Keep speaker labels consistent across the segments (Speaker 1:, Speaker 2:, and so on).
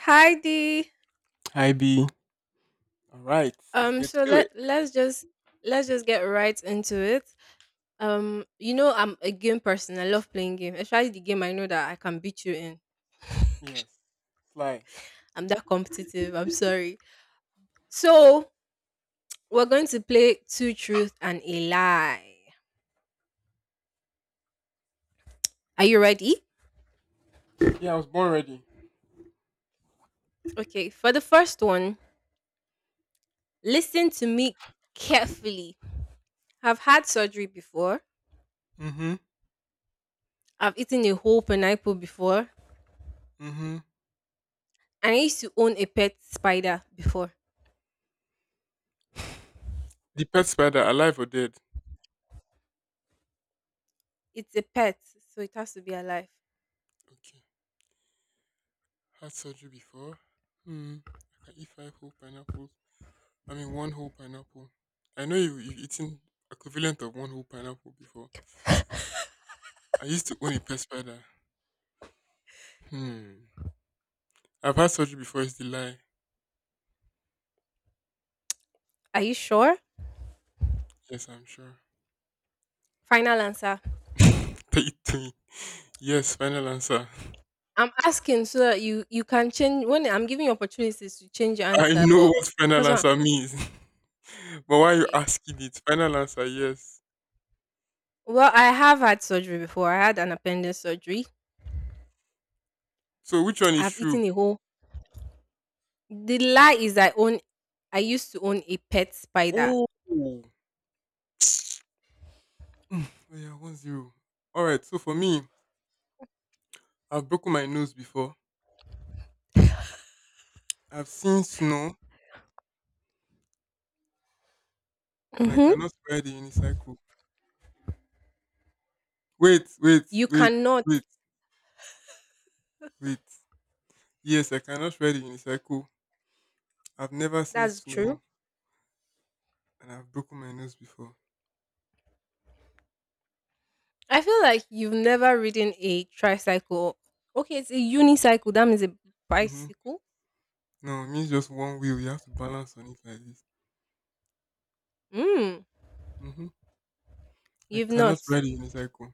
Speaker 1: Hi Dee.
Speaker 2: Hi B. All right, let's
Speaker 1: Um
Speaker 2: get
Speaker 1: so
Speaker 2: to it.
Speaker 1: let's just get right into it. I'm a game person. I love playing game. Especially the game I know that I can beat you in.
Speaker 2: Yes, fly.
Speaker 1: I'm that competitive. I'm sorry. So, we're going to play two truth and a lie. Are you ready?
Speaker 2: Yeah, I was born ready.
Speaker 1: Okay, for the first one, listen to me carefully. I've had surgery before.
Speaker 2: Mhm.
Speaker 1: I've eaten a whole pineapple before.
Speaker 2: Mhm.
Speaker 1: And I used to own a pet spider before.
Speaker 2: The pet spider, alive or dead?
Speaker 1: It's a pet, so it has to be alive.
Speaker 2: Okay. Had surgery before. Hmm. I can eat five whole pineapples. I mean, one whole pineapple. I know you've eaten equivalent of one whole pineapple before. I used to own a pet spider. Hmm. I've had surgery before is the lie?
Speaker 1: Are you sure?
Speaker 2: Yes, I'm sure.
Speaker 1: Final answer.
Speaker 2: Take it to me. Yes, final answer.
Speaker 1: I'm asking so that you can change when I'm giving you opportunities to change your
Speaker 2: I
Speaker 1: answer,
Speaker 2: know
Speaker 1: but
Speaker 2: what final
Speaker 1: that's not
Speaker 2: answer means. But why are you
Speaker 1: okay.
Speaker 2: asking it? Final answer, yes.
Speaker 1: Well, I have had surgery before. I had an appendix surgery.
Speaker 2: So which one is
Speaker 1: I've
Speaker 2: true?
Speaker 1: eaten a whole. The lie is I own. I used to own a pet spider.
Speaker 2: Oh, oh, yeah, 1-0. All right. So for me, I've broken my nose before. I've seen snow, and I
Speaker 1: Mm-hmm.
Speaker 2: cannot ride the unicycle. Wait, wait,
Speaker 1: You
Speaker 2: wait,
Speaker 1: cannot.
Speaker 2: wait, wait. Yes, I cannot ride the unicycle. I've never seen
Speaker 1: That's true.
Speaker 2: snow, and I've broken my nose before.
Speaker 1: I feel like you've never ridden a tricycle. Okay, it's a unicycle. That means a
Speaker 2: Mm-hmm.
Speaker 1: bicycle.
Speaker 2: No, it means just one wheel. You have to balance on it like this.
Speaker 1: Mm,
Speaker 2: Mm-hmm. I
Speaker 1: you've
Speaker 2: cannot
Speaker 1: not.
Speaker 2: ride a unicycle.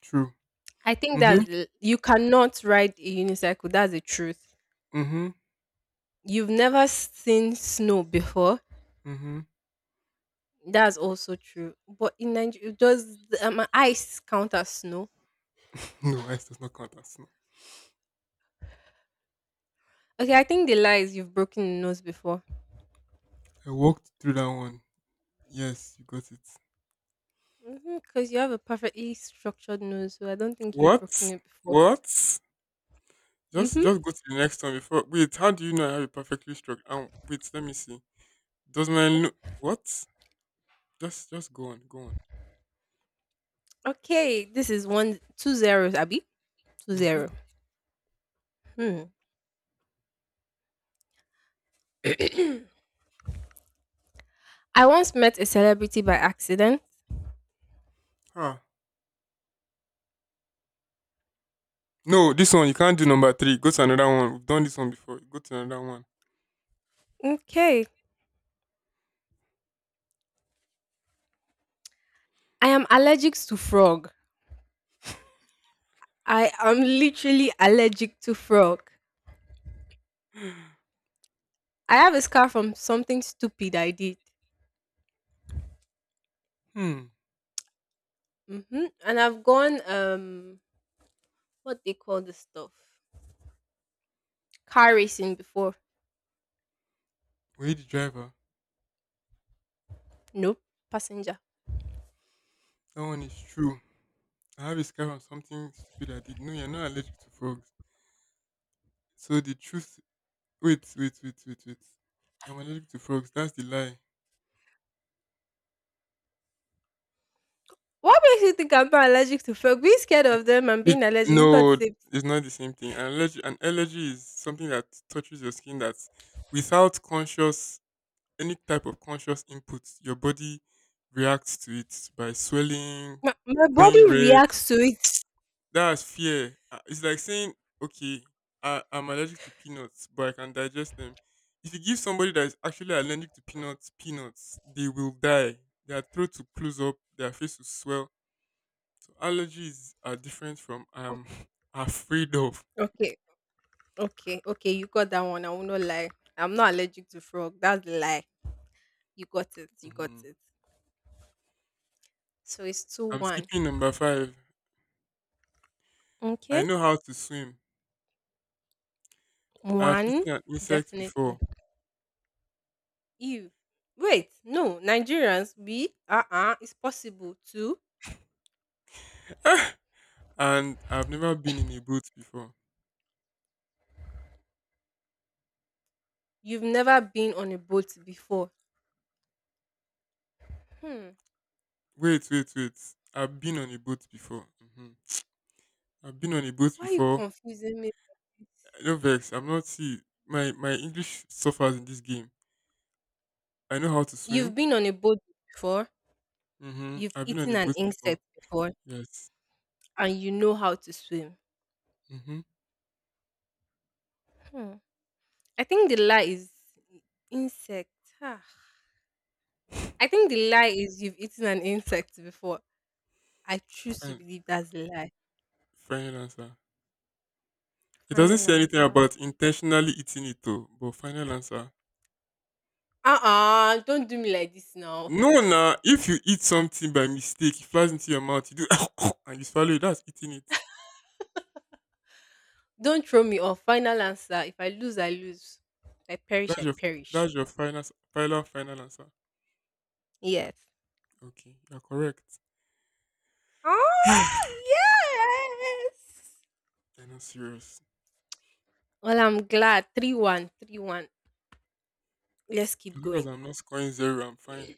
Speaker 2: True.
Speaker 1: I think
Speaker 2: Mm-hmm.
Speaker 1: you cannot ride a unicycle. That's the truth.
Speaker 2: Mm-hmm.
Speaker 1: You've never seen snow before.
Speaker 2: Mm-hmm.
Speaker 1: That's also true. But in Nigeria, does ice count as snow?
Speaker 2: No, S does not count as snow.
Speaker 1: Okay, I think the lie is you've broken your nose before.
Speaker 2: I walked through that one. Yes, you got it.
Speaker 1: Because you have a perfectly structured nose, so I don't think you've
Speaker 2: What?
Speaker 1: broken it before.
Speaker 2: What? Just
Speaker 1: Mm-hmm.
Speaker 2: go to the next one before. Wait, how do you know I have it perfectly struck? Wait, let me see. Does my no- What? Just go on, go on.
Speaker 1: Okay, this is one two zeros, Abby. Two
Speaker 2: Mm-hmm.
Speaker 1: zero. Hmm. I once met a celebrity by accident.
Speaker 2: Huh. No, this one you can't do number three. Go to another one. We've done this one before. Go to another one.
Speaker 1: Okay. I am allergic to frog. I am literally allergic to frog. I have a scar from something stupid I did.
Speaker 2: Hmm.
Speaker 1: And I've gone what they call this stuff car racing before.
Speaker 2: Wait, the driver.
Speaker 1: Nope, passenger.
Speaker 2: That one is true. I have a scar on something stupid I did. No, you're not allergic to frogs. So the truth. Wait, wait, wait, wait, wait. I'm allergic to frogs. That's the lie.
Speaker 1: What makes you think I'm not allergic to frog? Being scared
Speaker 2: It-
Speaker 1: of them and
Speaker 2: it-
Speaker 1: being allergic is
Speaker 2: no,
Speaker 1: not the same.
Speaker 2: it's not the same thing. An allergy is something that touches your skin that, without conscious any type of conscious input, your body reacts to it by swelling,
Speaker 1: My
Speaker 2: going
Speaker 1: body
Speaker 2: red.
Speaker 1: reacts to it.
Speaker 2: That's fear. It's like saying, okay, I'm allergic to peanuts, but I can digest them. If you give somebody that is actually allergic to peanuts peanuts, they will die. Their throat will close up, their face will swell. So allergies are different from I'm afraid of.
Speaker 1: Okay, okay, okay. You got that one. I will not lie. I'm not allergic to frog. That's the lie. You got it. You got
Speaker 2: Mhm.
Speaker 1: it. So it's two
Speaker 2: I'm
Speaker 1: one.
Speaker 2: skipping number five. I
Speaker 1: Okay,
Speaker 2: know how to swim. I've
Speaker 1: one
Speaker 2: eaten an insect before,
Speaker 1: definitely. You wait, no, Nigerians, we it's possible too.
Speaker 2: and I've never been in a boat before.
Speaker 1: You've never been on a boat before. Hmm.
Speaker 2: Wait, wait, wait. I've been on a boat before. hmm I've been on a boat
Speaker 1: Why are you
Speaker 2: before.
Speaker 1: confusing me? Like
Speaker 2: No vex. I'm not see my English suffers in this game. I know how to
Speaker 1: You've
Speaker 2: swim.
Speaker 1: been on a boat before,
Speaker 2: Mm-hmm.
Speaker 1: you've
Speaker 2: I've been on
Speaker 1: eaten
Speaker 2: a
Speaker 1: an
Speaker 2: boat before.
Speaker 1: insect before,
Speaker 2: Yes.
Speaker 1: and you know how to swim.
Speaker 2: Mm-hmm.
Speaker 1: Hmm. I think the lie is insect. Ah. I think the lie is you've eaten an insect before. I choose to
Speaker 2: Fine.
Speaker 1: believe that's a lie.
Speaker 2: Final answer. It doesn't
Speaker 1: Final
Speaker 2: say anything
Speaker 1: answer.
Speaker 2: about intentionally eating it though. But final answer.
Speaker 1: Uh-uh, do not do me like this now.
Speaker 2: No, nah. If you eat something by mistake, it flies into your mouth. You do and you swallow it. That's eating it.
Speaker 1: Don't throw me off. Final answer. If I lose, I lose. If I perish,
Speaker 2: That's
Speaker 1: I
Speaker 2: your
Speaker 1: perish.
Speaker 2: that's your final final final answer.
Speaker 1: Yes.
Speaker 2: Okay, you're correct.
Speaker 1: Oh, yes.
Speaker 2: They're not serious.
Speaker 1: Well, I'm glad. Three. let Let's
Speaker 2: As
Speaker 1: keep
Speaker 2: long as
Speaker 1: going.
Speaker 2: I'm not scoring zero, I'm fine.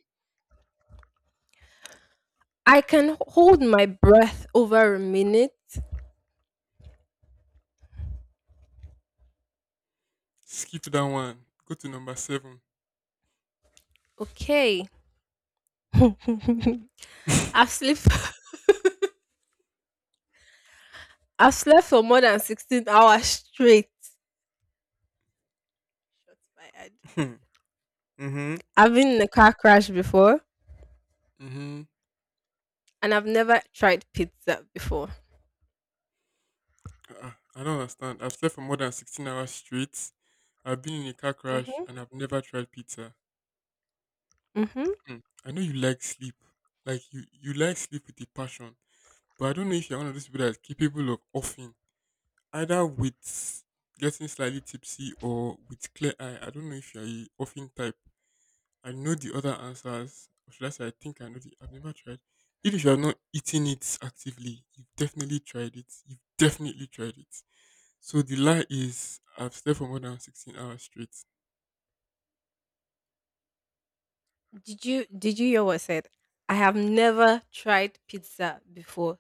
Speaker 1: I can hold my breath over a minute.
Speaker 2: Skip that one. Go to number seven.
Speaker 1: Okay. I've slept I've slept for more than 16 hours straight. Shots fired.
Speaker 2: Mm-hmm.
Speaker 1: I've been in a car crash before
Speaker 2: Mm-hmm.
Speaker 1: and I've never tried pizza before.
Speaker 2: Uh, I don't understand. I've slept for more than 16 hours straight. I've been in a car crash
Speaker 1: hmm
Speaker 2: and I've never tried pizza.
Speaker 1: hmm
Speaker 2: Hmm. I know you like sleep. Like you like sleep with a passion. But I don't know if you're one of those people that's capable of offing. Either with getting slightly tipsy or with clear eye. I don't know if you're a offing type. I know the other answers. Or should I say I think I know the I've never tried. Even if you have not eaten it actively, you've definitely tried it. You've definitely tried it. So the lie is I've slept for more than 16 hours straight.
Speaker 1: Did you hear what I said? I have never tried pizza before.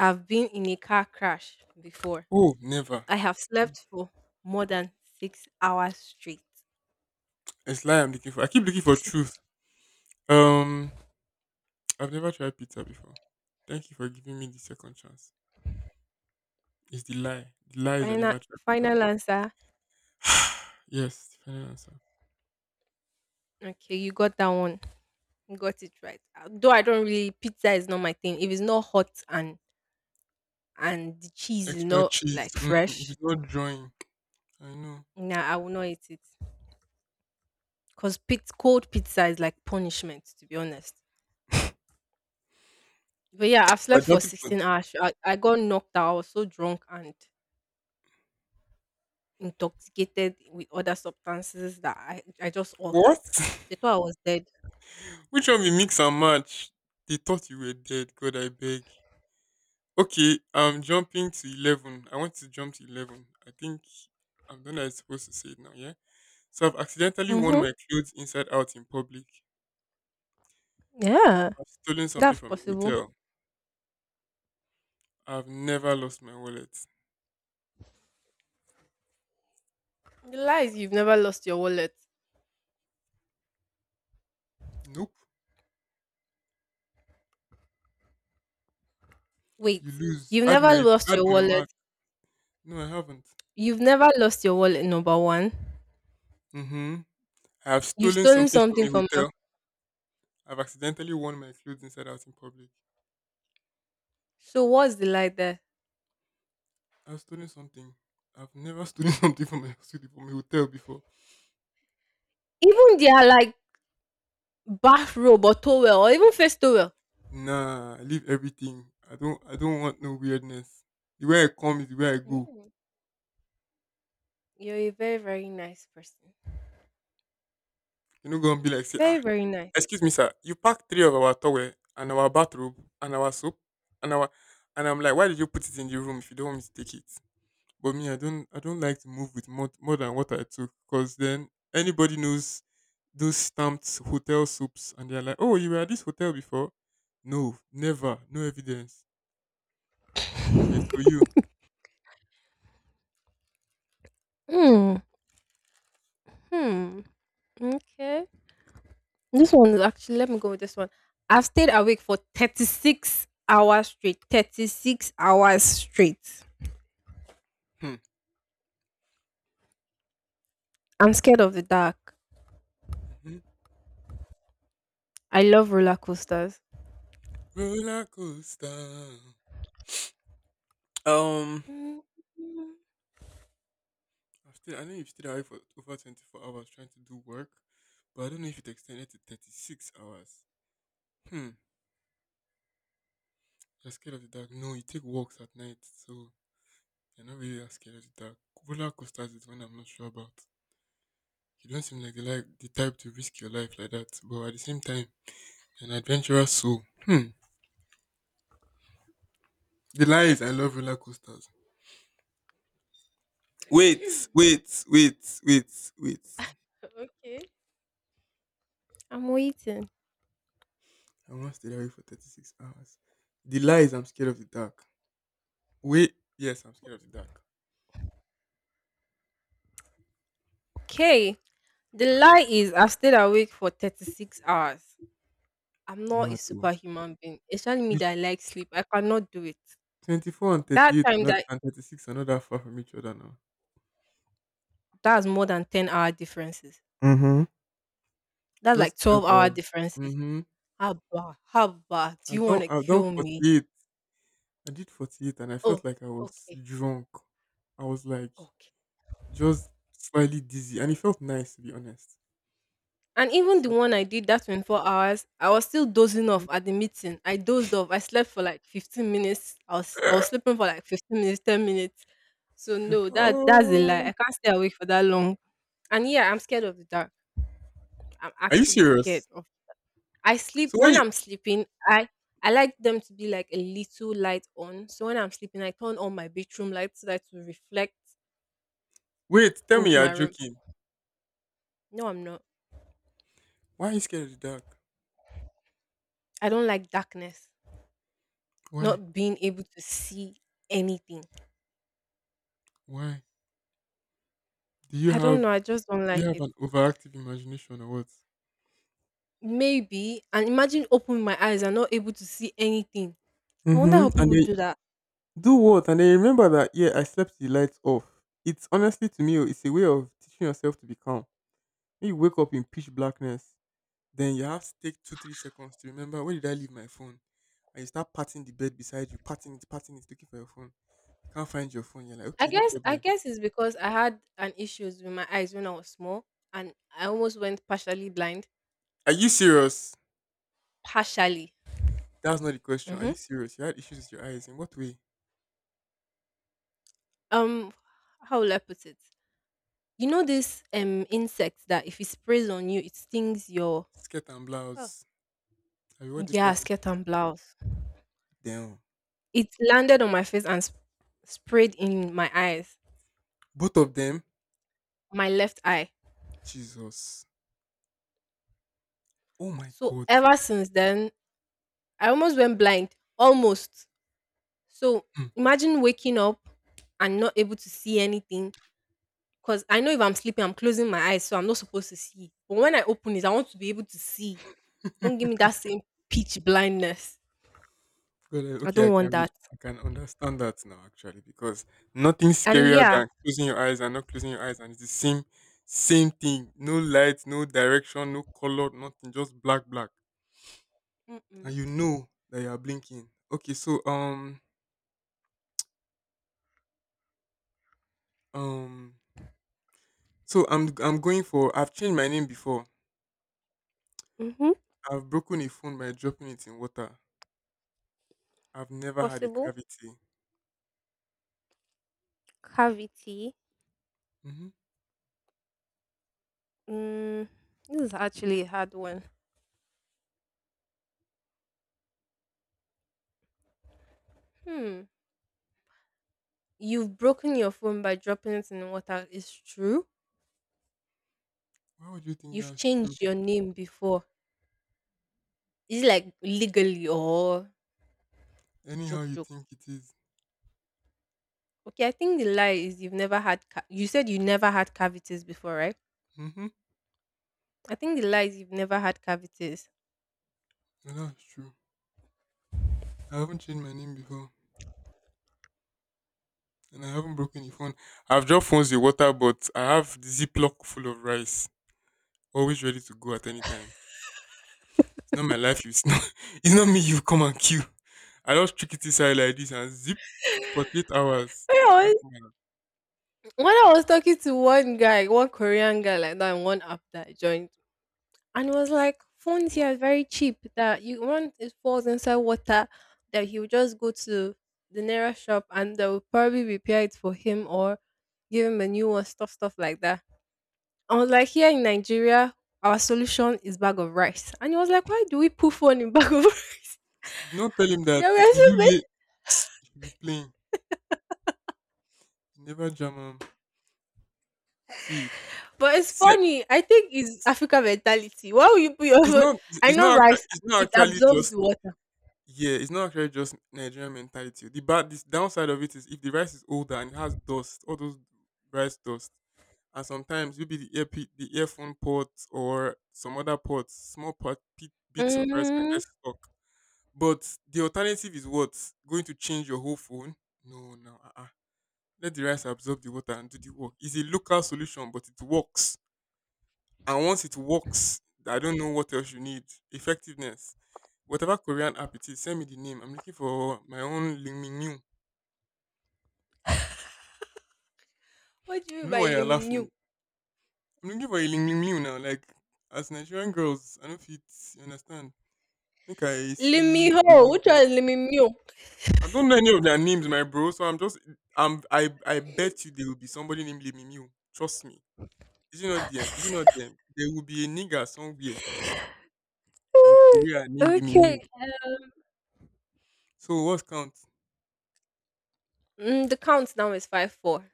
Speaker 1: I've been in a car crash before.
Speaker 2: Oh, never.
Speaker 1: I have slept for more than 6 hours straight.
Speaker 2: It's lie I'm looking for. I keep looking for
Speaker 1: Six,
Speaker 2: truth. Um I've never tried pizza before. Thank you for giving me the second chance. It's the lie. The lie is I
Speaker 1: final
Speaker 2: never tried pizza
Speaker 1: final
Speaker 2: before.
Speaker 1: answer.
Speaker 2: Yes, the final answer.
Speaker 1: Okay, you got that one. You got it right. Though I don't really pizza is not my thing. If it's not hot and the cheese is
Speaker 2: Extra
Speaker 1: not
Speaker 2: cheese.
Speaker 1: like
Speaker 2: If
Speaker 1: fresh,
Speaker 2: it's not drawing, I know.
Speaker 1: nah, I will not eat it. Cause pizza, cold pizza is like punishment. To be honest. But yeah, I've
Speaker 2: So I
Speaker 1: slept for
Speaker 2: jump into
Speaker 1: 16 hours. I got knocked out. I was so drunk and intoxicated with other substances that I just off.
Speaker 2: what?
Speaker 1: They thought I was dead.
Speaker 2: Which one be mix and match? They thought you were dead. God, I beg. Okay, I'm jumping to 11. I want to jump to 11. I think I'm done. I'm supposed to say it now, yeah? So I've accidentally worn
Speaker 1: Mm-hmm.
Speaker 2: my clothes inside out in public.
Speaker 1: Yeah,
Speaker 2: I've stolen something
Speaker 1: that's
Speaker 2: from a
Speaker 1: possible.
Speaker 2: hotel. I've never lost my wallet.
Speaker 1: The lie is you've never lost your wallet.
Speaker 2: Nope.
Speaker 1: Wait,
Speaker 2: You lose.
Speaker 1: you've
Speaker 2: Add
Speaker 1: never
Speaker 2: my
Speaker 1: lost
Speaker 2: add
Speaker 1: your
Speaker 2: my
Speaker 1: wallet.
Speaker 2: mark. No, I haven't.
Speaker 1: You've never lost your wallet, number one.
Speaker 2: Mm-hmm. I have
Speaker 1: You've
Speaker 2: stolen
Speaker 1: stolen
Speaker 2: something from
Speaker 1: something
Speaker 2: a
Speaker 1: from her.
Speaker 2: hotel. I've accidentally worn my clothes inside out in public.
Speaker 1: So what's the lie there?
Speaker 2: I've stolen something. I've never stolen something from my studio, from my hotel before.
Speaker 1: Even their like bathrobe or towel or even face towel.
Speaker 2: Nah, I leave everything. I don't want no weirdness. The way I come is the way I go.
Speaker 1: Mm. You're a very, very nice person.
Speaker 2: You're not gonna be like say,
Speaker 1: Very,
Speaker 2: ah,
Speaker 1: very nice.
Speaker 2: excuse me, sir, you packed three of our towel and our bathrobe and our soap and our and I'm like, why did you put it in the room if you don't want me to take it? But me, I don't like to move with more than what I took because then anybody knows those stamped hotel soaps and they're like, oh, you were at this hotel before? No, never, no evidence. Okay, so you.
Speaker 1: Hmm. Hmm. Okay. This one is actually, let me go with this one. I've stayed awake for 36 hours straight. 36 hours straight.
Speaker 2: Hmm.
Speaker 1: I'm scared of the dark.
Speaker 2: Mhm.
Speaker 1: I love roller coasters.
Speaker 2: Roller coaster. Um,
Speaker 1: Mm,
Speaker 2: I've stayed, I know you've stayed awake for over 24 hours trying to do work, but I don't know if it extended to 36 hours. Hmm, you're scared of the dark. No, you take walks at night, so you're not really that scared of the dark. Roller coasters is one I'm not sure about. You don't seem like the type to risk your life like that, but at the same time, an adventurous soul. Hmm. The lies I love roller coasters. Wait, wait, wait, wait, wait.
Speaker 1: Okay. I'm waiting.
Speaker 2: I once stayed awake for 36 hours. The lie is I'm scared of the dark. Wait, yes, I'm scared of the dark.
Speaker 1: Okay. The lie is I've stayed awake for 36 hours. I'm not a
Speaker 2: Mad oh.
Speaker 1: superhuman being. It's telling me
Speaker 2: You
Speaker 1: that I like sleep. I cannot do it.
Speaker 2: 24 and
Speaker 1: That
Speaker 2: 38 are
Speaker 1: time
Speaker 2: not,
Speaker 1: that
Speaker 2: and 36 are not that far from each other now.
Speaker 1: that's more than 10 hour differences.
Speaker 2: Mm-hmm.
Speaker 1: That's
Speaker 2: Just
Speaker 1: like 12
Speaker 2: 12
Speaker 1: hour
Speaker 2: hours.
Speaker 1: differences.
Speaker 2: Mm-hmm.
Speaker 1: Haba, haba. Do
Speaker 2: I've
Speaker 1: you
Speaker 2: done,
Speaker 1: want to
Speaker 2: I've done
Speaker 1: kill me?
Speaker 2: 48. I did 48 and I felt
Speaker 1: Oh,
Speaker 2: like I was
Speaker 1: okay,
Speaker 2: drunk. I was like
Speaker 1: okay.
Speaker 2: just slightly dizzy and it felt nice to be honest.
Speaker 1: And
Speaker 2: It
Speaker 1: even the
Speaker 2: felt
Speaker 1: one I
Speaker 2: nice.
Speaker 1: did that 24 hours, I was still dozing
Speaker 2: Mhm.
Speaker 1: off at the meeting. I dozed off. I slept for like 15 minutes. I was sleeping for like 15 minutes, 10 minutes. So no, that's a lie.
Speaker 2: Oh,
Speaker 1: I can't stay awake for that long. And yeah, I'm scared of the dark. I'm
Speaker 2: are you
Speaker 1: actually scared
Speaker 2: serious?
Speaker 1: of. I sleep
Speaker 2: So why
Speaker 1: when
Speaker 2: you
Speaker 1: I'm sleeping. I like them to be like a little light on. So when I'm sleeping, I turn on my bedroom light so that it will reflect
Speaker 2: wait? Tell me
Speaker 1: into
Speaker 2: you're
Speaker 1: my room.
Speaker 2: joking.
Speaker 1: No, I'm not.
Speaker 2: Why are you scared of the dark?
Speaker 1: I don't like darkness,
Speaker 2: Why?
Speaker 1: not being able to see anything.
Speaker 2: Why? Do you
Speaker 1: I don't
Speaker 2: have
Speaker 1: know. I just don't
Speaker 2: do you
Speaker 1: like
Speaker 2: have
Speaker 1: it.
Speaker 2: an overactive imagination or what?
Speaker 1: Maybe, and imagine opening my eyes and not able to see anything. I wonder
Speaker 2: Mm-hmm.
Speaker 1: how
Speaker 2: And
Speaker 1: people
Speaker 2: they
Speaker 1: do that.
Speaker 2: do what? And they remember that, yeah, I slept the lights off. It's honestly to me, oh, it's a way of teaching yourself to be calm. When you wake up in pitch blackness, then you have to take two, 3 seconds to remember where did I leave my phone? And you start patting the bed beside you, patting it, looking for your phone. You can't find your phone. You're like,
Speaker 1: I
Speaker 2: okay, no
Speaker 1: guess, I
Speaker 2: problem.
Speaker 1: guess it's because I had an issues with my eyes when I was small, and I almost went partially blind.
Speaker 2: Are you serious?
Speaker 1: Partially.
Speaker 2: That's not the question. Are
Speaker 1: hmm
Speaker 2: you serious? You had issues with your eyes. In what way?
Speaker 1: Um, how will I put it? You know this insect that if it sprays on you, it stings your.
Speaker 2: Skirt and
Speaker 1: Oh.
Speaker 2: blouse. Are you what they call
Speaker 1: Yeah,
Speaker 2: those
Speaker 1: skirt
Speaker 2: things?
Speaker 1: and blouse.
Speaker 2: Damn.
Speaker 1: It landed on my face and sprayed in my eyes,
Speaker 2: Both of them,
Speaker 1: my left eye.
Speaker 2: Jesus. Oh my
Speaker 1: So
Speaker 2: God.
Speaker 1: ever since then, I almost went blind, almost. So
Speaker 2: Hmm.
Speaker 1: imagine waking up and not able to see anything. Because I know if I'm sleeping, I'm closing my eyes, so I'm not supposed to see. But when I open it, I want to be able to see. Don't give me that same pitch blindness.
Speaker 2: God,
Speaker 1: I
Speaker 2: okay, I
Speaker 1: don't want
Speaker 2: can re-
Speaker 1: that.
Speaker 2: I can understand that now actually because nothing
Speaker 1: And
Speaker 2: scarier
Speaker 1: yeah,
Speaker 2: than closing your eyes and not closing your eyes and it's the same thing. No light, no direction, no color, nothing, just black, black, and you
Speaker 1: mm-mm.
Speaker 2: know that you are blinking. Okay, um so I'm going for I've changed my name before.
Speaker 1: Mm-hmm.
Speaker 2: I've broken a phone by dropping it in water. I've never had a
Speaker 1: Possible
Speaker 2: cavity.
Speaker 1: cavity.
Speaker 2: hmm
Speaker 1: Mm, this is actually a hard one. Hmm. You've broken your phone by dropping it in the water. It's true.
Speaker 2: Why would you think
Speaker 1: You've
Speaker 2: that's true?
Speaker 1: changed your name before. Is it like legally or
Speaker 2: Anyhow
Speaker 1: joke
Speaker 2: you
Speaker 1: joke?
Speaker 2: think it is.
Speaker 1: Okay, I think the lie is you've never had. You said you never had cavities before, right?
Speaker 2: Mm-hmm.
Speaker 1: I think the lie is you've never had cavities.
Speaker 2: That's true. I haven't changed my name before, and I haven't broken a phone. I've dropped phones with water, but I have the Ziploc full of rice, always ready to go at any time. It's not my life. It's not. It's not me. You come and kill. I just trick it inside like this and zip for 8 hours.
Speaker 1: When
Speaker 2: I
Speaker 1: I
Speaker 2: can't
Speaker 1: was
Speaker 2: come out.
Speaker 1: when I was talking to one guy, one Korean guy like that, and one app that I joined, and it was like phones here are
Speaker 2: Wow.
Speaker 1: very cheap that you want it falls inside water, that he would just go to the nearest shop and they'll probably repair it for him or give him a new one, stuff like that. I was like, here in Nigeria, our solution is bag of rice. And he was like, why do we put phone in bag of rice?
Speaker 2: You not tell him
Speaker 1: They
Speaker 2: that
Speaker 1: were so bad.
Speaker 2: Ilule should be playing. He never jam. Am. See,
Speaker 1: But it's
Speaker 2: se-
Speaker 1: funny, I think it's Africa mentality. Why would you put your
Speaker 2: it's
Speaker 1: phone?
Speaker 2: not.
Speaker 1: I
Speaker 2: It's
Speaker 1: know
Speaker 2: not.
Speaker 1: rice
Speaker 2: It's not
Speaker 1: it
Speaker 2: actually
Speaker 1: absorbs
Speaker 2: just.
Speaker 1: the water.
Speaker 2: Yeah, it's not actually just Nigerian mentality. The bad, this downside of it is if the rice is older and it has dust, all those rice dust, and sometimes maybe the the earphone port or some other pots, small pot bits of rice can get
Speaker 1: Mhm.
Speaker 2: stuck. But the alternative is what going to change your whole phone? No, no, uh-uh. Let the rice absorb the water and do the work. It's a local solution, but it works. And once it works, I don't know what else you need. Effectiveness. Whatever Korean app it is, send me the name. I'm looking for my own Ling Ling Liu. I
Speaker 1: What do you
Speaker 2: don't
Speaker 1: mean
Speaker 2: know
Speaker 1: by
Speaker 2: why you're laughing.
Speaker 1: limit?
Speaker 2: I'm looking for a Ling Ling Liu now. Like, as Nigerian girls, I don't fit. You understand? Think I see
Speaker 1: Limiho.
Speaker 2: Korean
Speaker 1: Which one
Speaker 2: ones.
Speaker 1: is Limimio?
Speaker 2: I don't know any of their names, my bro. So I'm just, I'm, I bet you there will be somebody named Ling Ling Liu. Trust me. Is it not them? Is it not them? There will be a nigger somewhere in Korea named Ling Ling
Speaker 1: Okay.
Speaker 2: Liu. So what count?
Speaker 1: The countdown is 5-4.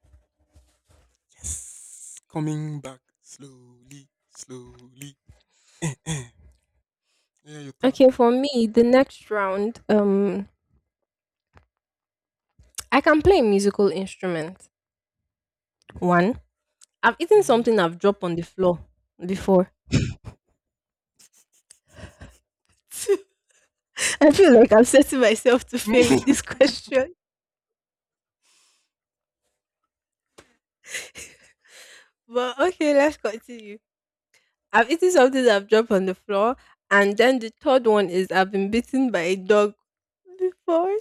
Speaker 2: Yes. Coming back slowly, slowly. Eh, eh. Yeah, your turn.
Speaker 1: Okay, for me, the next round, I can play a musical instrument. One, I've eaten
Speaker 2: Mhm.
Speaker 1: something I've dropped on the floor before. I feel like I'm setting myself to fail in this question. But okay, let's continue. I've eaten something that I've dropped on the floor, and then the third one is I've been bitten by a dog before.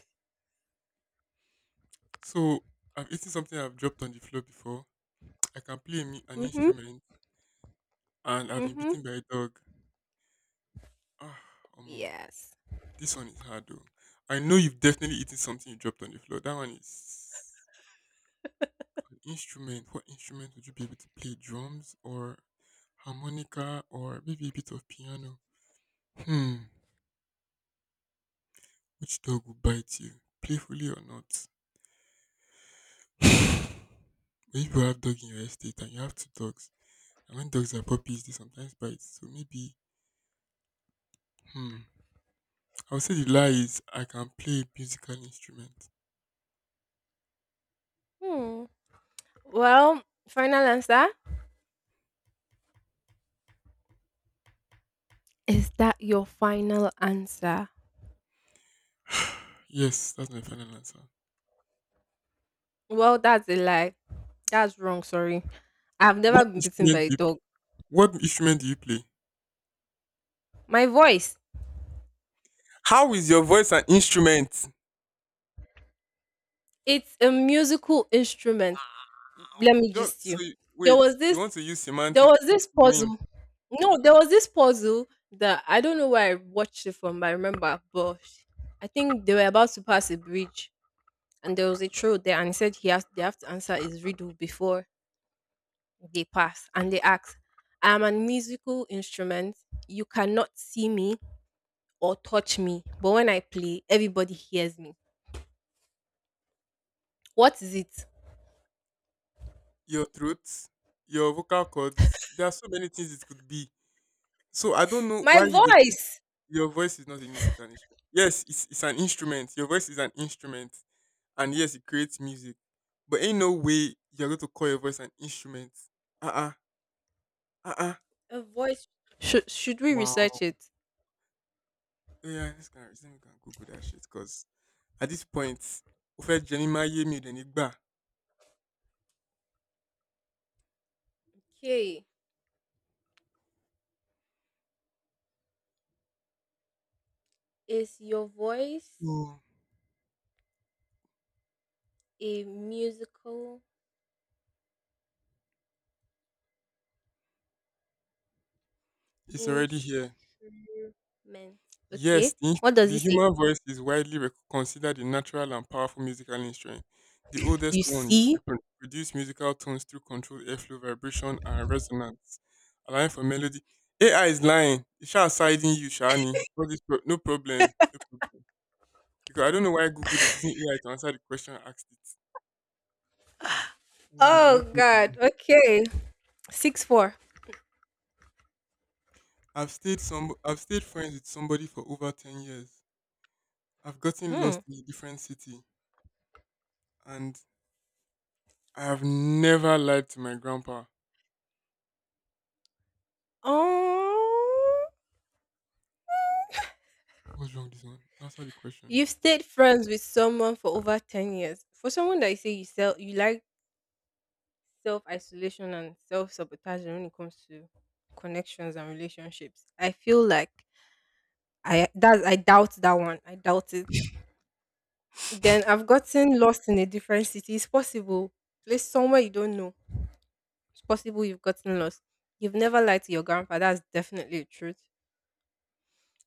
Speaker 2: So I've eaten something I've dropped on the floor before. I can play an
Speaker 1: Mhm.
Speaker 2: instrument, and I've been
Speaker 1: Mhm.
Speaker 2: bitten by a dog. Ah, Omo,
Speaker 1: Yes.
Speaker 2: this one is hard though. I know you've definitely eaten something you dropped on the floor. That one is an instrument. What instrument would you be able to play? Drums or harmonica or maybe a bit of piano? Hmm. Which dog will bite you, playfully or not? But if you have dog in your estate and you have two dogs, and when dogs are puppies, they sometimes bite. So maybe, hmm, I would say the lie is I can play a musical instrument.
Speaker 1: Hmm. Well, final answer? Is that your final answer?
Speaker 2: Yes, that's my final answer.
Speaker 1: Well, that's a lie. That's wrong, sorry. I've never
Speaker 2: What
Speaker 1: been bitten by
Speaker 2: instrument
Speaker 1: a
Speaker 2: do you play?
Speaker 1: dog.
Speaker 2: What instrument do you play?
Speaker 1: My voice,
Speaker 2: How is your voice an instrument?
Speaker 1: it's a musical instrument. Let
Speaker 2: Wow.
Speaker 1: me
Speaker 2: Just,
Speaker 1: just you.
Speaker 2: so you,
Speaker 1: There
Speaker 2: wait,
Speaker 1: was
Speaker 2: you want
Speaker 1: this
Speaker 2: to use
Speaker 1: there
Speaker 2: semantics
Speaker 1: was
Speaker 2: to
Speaker 1: this
Speaker 2: win.
Speaker 1: puzzle. No, there was this puzzle that I don't know where I watched it from, but I remember, but I think they were about to pass a bridge and there was a troll there and he said he has they have to answer his riddle before they pass and they ask, I am a musical instrument. You cannot see me or touch me, but when I play, everybody hears me. What is it?
Speaker 2: Your throat, your vocal cords. There are so many things it could be. So I don't know
Speaker 1: My
Speaker 2: why you would.
Speaker 1: voice.
Speaker 2: Your voice is not a musical instrument. Yes, it's an instrument. Your voice is an instrument, and yes, it creates music. But ain't no way you're going to call your voice an instrument. Uh-uh, uh.
Speaker 1: A voice. Should we research
Speaker 2: Wow.
Speaker 1: it?
Speaker 2: Yeah, this kind of reason we can Google that shit because at this point, Ofe Jenny Maye mi de Nigba.
Speaker 1: Okay. Is your voice
Speaker 2: So
Speaker 1: a musical
Speaker 2: it's already here.
Speaker 1: instrument?
Speaker 2: Yes,
Speaker 1: Okay.
Speaker 2: the, ins-
Speaker 1: What does
Speaker 2: the
Speaker 1: it say?
Speaker 2: human voice is widely considered a natural and powerful musical instrument. The oldest
Speaker 1: You
Speaker 2: one used
Speaker 1: see?
Speaker 2: to produce musical tones through controlled airflow, vibration, and resonance, allowing for melody. AI is lying. It's just siding you, Shani. All this no problem. No problem. Because I don't know why Google is using AI to answer the question I asked it. Yeah, no, no
Speaker 1: Oh God.
Speaker 2: problem.
Speaker 1: Okay. 6-4.
Speaker 2: I've stayed friends with somebody for over 10 years. I've gotten
Speaker 1: Hmm.
Speaker 2: lost in a different city, and I have never lied to my grandpa.
Speaker 1: Oh.
Speaker 2: What's wrong this one? Answer the question.
Speaker 1: You've stayed friends with someone for over 10 years. For someone that you say you self you like self isolation and self sabotage when it comes to connections and relationships, I feel like I that I doubt that one. I doubt it. Then I've gotten lost in a different city. It's possible. Place somewhere you don't know. It's possible you've gotten lost. You've never lied to your grandpa. That's definitely the truth.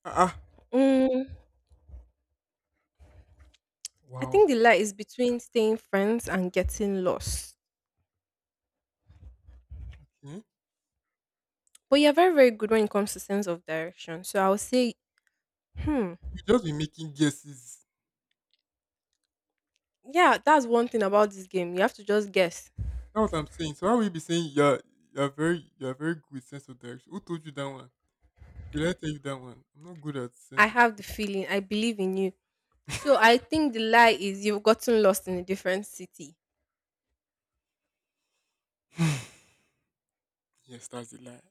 Speaker 2: Ah, ah.
Speaker 1: Mm, I
Speaker 2: Wow.
Speaker 1: think the lie is between staying friends and getting lost.
Speaker 2: Okay.
Speaker 1: But you're very, very good when it comes to sense of direction. So I would say, hmm,
Speaker 2: You just be making guesses.
Speaker 1: yeah, that's one thing about this game. You have to just guess.
Speaker 2: That's what I'm saying. So how will you be saying you're very good with sense of direction? Who told you that one? Did I tell you that one? I'm not good at
Speaker 1: I
Speaker 2: sense of.
Speaker 1: have the feeling. I believe in you. So I think the lie is you've gotten lost in a different city.
Speaker 2: Yes, that's a lie.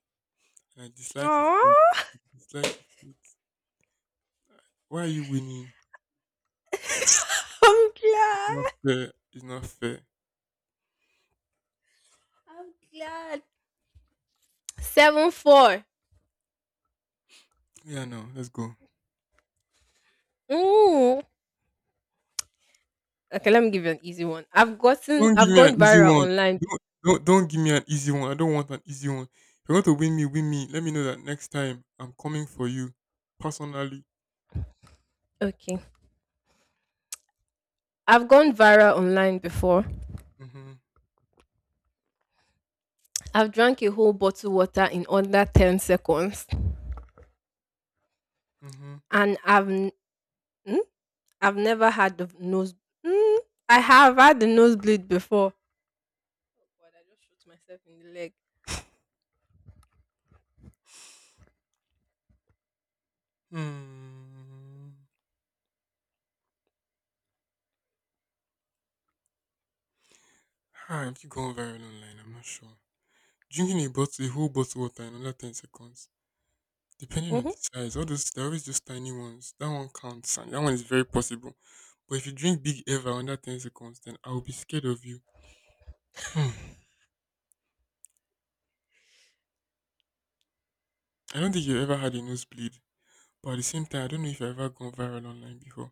Speaker 2: And I dislike you for it.
Speaker 1: Oh,
Speaker 2: Dislike you for it. Why are you winning?
Speaker 1: I'm
Speaker 2: It's not
Speaker 1: glad.
Speaker 2: fair. It's not fair.
Speaker 1: I'm glad. 7-4.
Speaker 2: Yeah, no, let's go.
Speaker 1: Ooh. Okay, let me give you an easy one.
Speaker 2: Don't give
Speaker 1: I've
Speaker 2: me an
Speaker 1: gone
Speaker 2: easy
Speaker 1: viral
Speaker 2: one.
Speaker 1: online.
Speaker 2: Don't give me an easy one. I don't want an easy one. If you want to win me, win me. Let me know that next time I'm coming for you personally.
Speaker 1: Okay. I've gone viral online before.
Speaker 2: Mm-hmm.
Speaker 1: I've drank a whole bottle water in under 10 seconds
Speaker 2: Mm-hmm.
Speaker 1: and I've Mm? I've never had the nose. Mm? I have had the nosebleed before. But I just shot myself in the leg.
Speaker 2: Hmm. Ah, if you go on viral online, I'm not sure. Drinking a whole bottle of water in under 10 seconds. Depending on
Speaker 1: Mm-hmm.
Speaker 2: the size, all those they're always just tiny ones. That one counts and that one is very possible. But if you drink big ever under 10 seconds, then I'll be scared of you. Hmm. I don't think you ever had a nosebleed. But at the same time, I don't know if I've ever gone viral online before.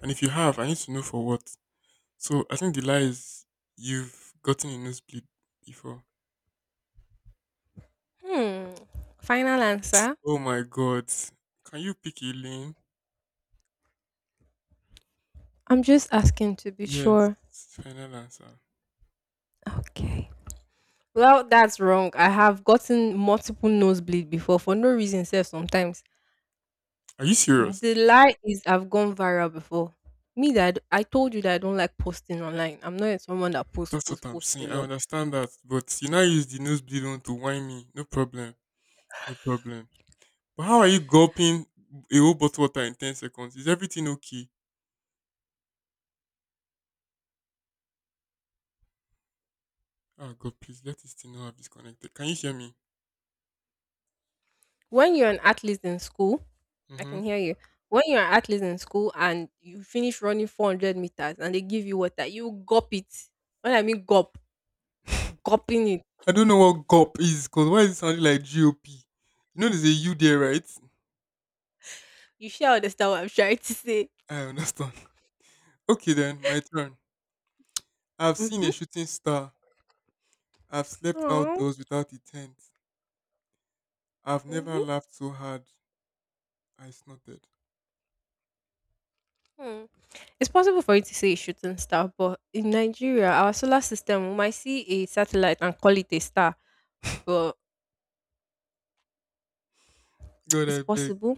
Speaker 2: And if you have, I need to know for what. So I think the lie is you've gotten a nosebleed before.
Speaker 1: Hmm. Final answer.
Speaker 2: Oh my god. Can you pick a lane?
Speaker 1: I'm just asking to be
Speaker 2: Yes.
Speaker 1: sure.
Speaker 2: Final answer.
Speaker 1: Okay. Well, that's wrong. I have gotten multiple nosebleed before for no reason, sir. Sometimes
Speaker 2: Are you serious?
Speaker 1: the lie is I've gone viral before. Me that I told you that I don't like posting online. I'm not someone that posts,
Speaker 2: That's what
Speaker 1: posts,
Speaker 2: I'm
Speaker 1: posts
Speaker 2: saying.
Speaker 1: a
Speaker 2: I
Speaker 1: lot.
Speaker 2: understand that. But you now use the nosebleed one to whine me. No problem. No problem. But how are you gulping a whole bottle of water in 10 seconds? Is everything okay? Ah, God, please let this thing not have disconnected. Can you hear me?
Speaker 1: When you're an athlete in school, I
Speaker 2: Mm-hmm.
Speaker 1: can hear you. When you're an athlete in school and you finish running 400 meters and they give you water, you gulp it. When I mean gulp, gulping it.
Speaker 2: I don't know what GOP is because why is it sounding like GOP? You know there's a U there, right?
Speaker 1: You sure understand what I'm trying to say?
Speaker 2: I understand. Okay then, my turn. I've seen
Speaker 1: Mm-hmm.
Speaker 2: a shooting star. I've slept
Speaker 1: Huh?
Speaker 2: outdoors without a tent. I've never
Speaker 1: Mm-hmm.
Speaker 2: laughed so hard. I snorted.
Speaker 1: Mm. It's possible for you to say it's shooting star, but in Nigeria, our solar system, we might see a satellite and call it a star. But
Speaker 2: God,
Speaker 1: it's
Speaker 2: I beg.
Speaker 1: possible.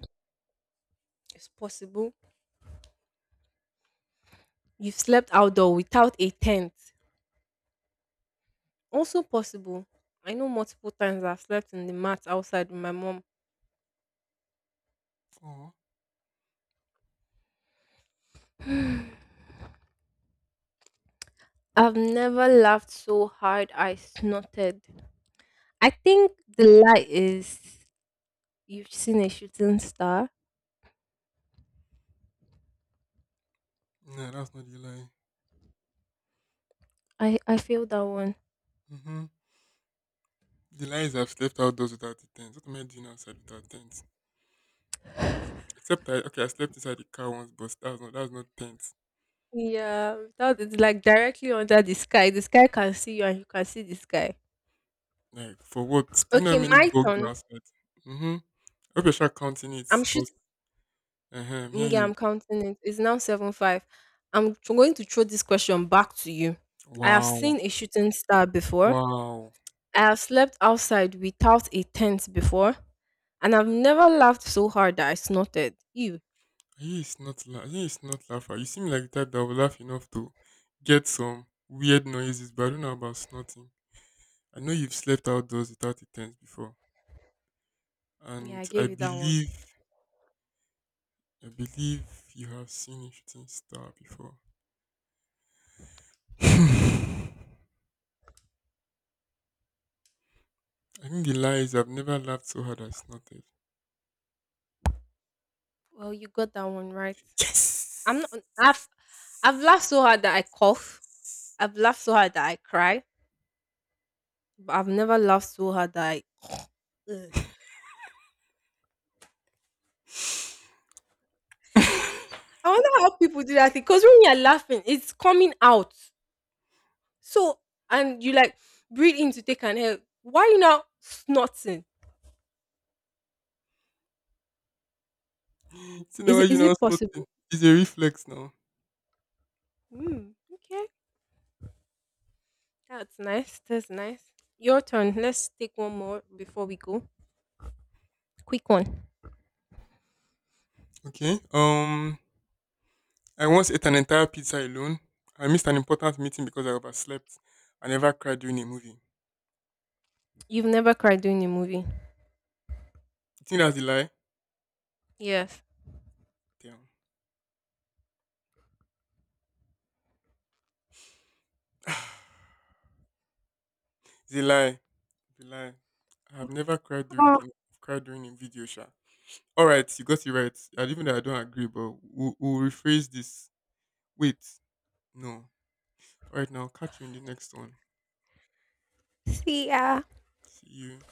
Speaker 1: It's possible. You've slept outdoor without a tent. Also possible. I know multiple times I've slept in the mat outside with my mom
Speaker 2: Oh,
Speaker 1: I've never laughed so hard I snorted. I think the lie is you've seen a shooting star.
Speaker 2: nah, that's not the lie.
Speaker 1: I feel that one.
Speaker 2: Mm-hmm. The lie is I've slept outdoors without a tent. What am I doing outside without tents? Except I, okay, I slept inside the car once, but that's not tents.
Speaker 1: Yeah, that is like directly under the sky. The sky can see you and you can see the sky.
Speaker 2: Like, for what? Do you know
Speaker 1: Okay,
Speaker 2: how many
Speaker 1: my
Speaker 2: bugs are
Speaker 1: turn.
Speaker 2: outside? Mm-hmm. I hope you're sure counting
Speaker 1: I'm
Speaker 2: because.
Speaker 1: shooting.
Speaker 2: Uh huh. Yeah,
Speaker 1: Yeah,
Speaker 2: you.
Speaker 1: I'm counting it. It's now 7-5. I'm going to throw this question back to you. I have seen
Speaker 2: Wow,
Speaker 1: a shooting star before.
Speaker 2: wow.
Speaker 1: I have slept outside without a tent before, and I've never laughed so hard that I snorted. Ew.
Speaker 2: He is not laugher. You seem like the type that would laugh enough to get some weird noises, but I don't know about snorting. I know you've slept outdoors without a tent before,
Speaker 1: Yeah, I
Speaker 2: and I
Speaker 1: gave you that one.
Speaker 2: believe I believe you have seen a shooting star before. I think the lie is I've never laughed so hard as snorted.
Speaker 1: Well, you got that one right. I'm not.
Speaker 2: Yes.
Speaker 1: I've laughed so hard that I cough. I've laughed so hard that I cry. But I've never laughed so hard that I. Ugh. I wonder how people do that because when you're laughing, it's coming out. So and you like breathe in to take an air. Why you not snorting?
Speaker 2: See now
Speaker 1: Is
Speaker 2: why
Speaker 1: it
Speaker 2: you
Speaker 1: is
Speaker 2: now
Speaker 1: it
Speaker 2: snorting.
Speaker 1: possible?
Speaker 2: It's a reflex now.
Speaker 1: Hmm. Okay. That's nice. That's nice. Your turn. Let's take one more before we go. Quick one.
Speaker 2: Okay. I once ate an entire pizza alone. I missed an important meeting because I overslept. I never cried during a movie.
Speaker 1: You've never cried during a movie.
Speaker 2: You think that's a lie?
Speaker 1: Yes.
Speaker 2: Damn. It's a lie. It's a lie. I have never cried during.
Speaker 1: Oh,
Speaker 2: Okay, I've cried during a video show. Alright, you got it right. I even though I don't agree, but we'll rephrase this. Wait. No. Alright now, catch you in the next one.
Speaker 1: see ya.
Speaker 2: See you.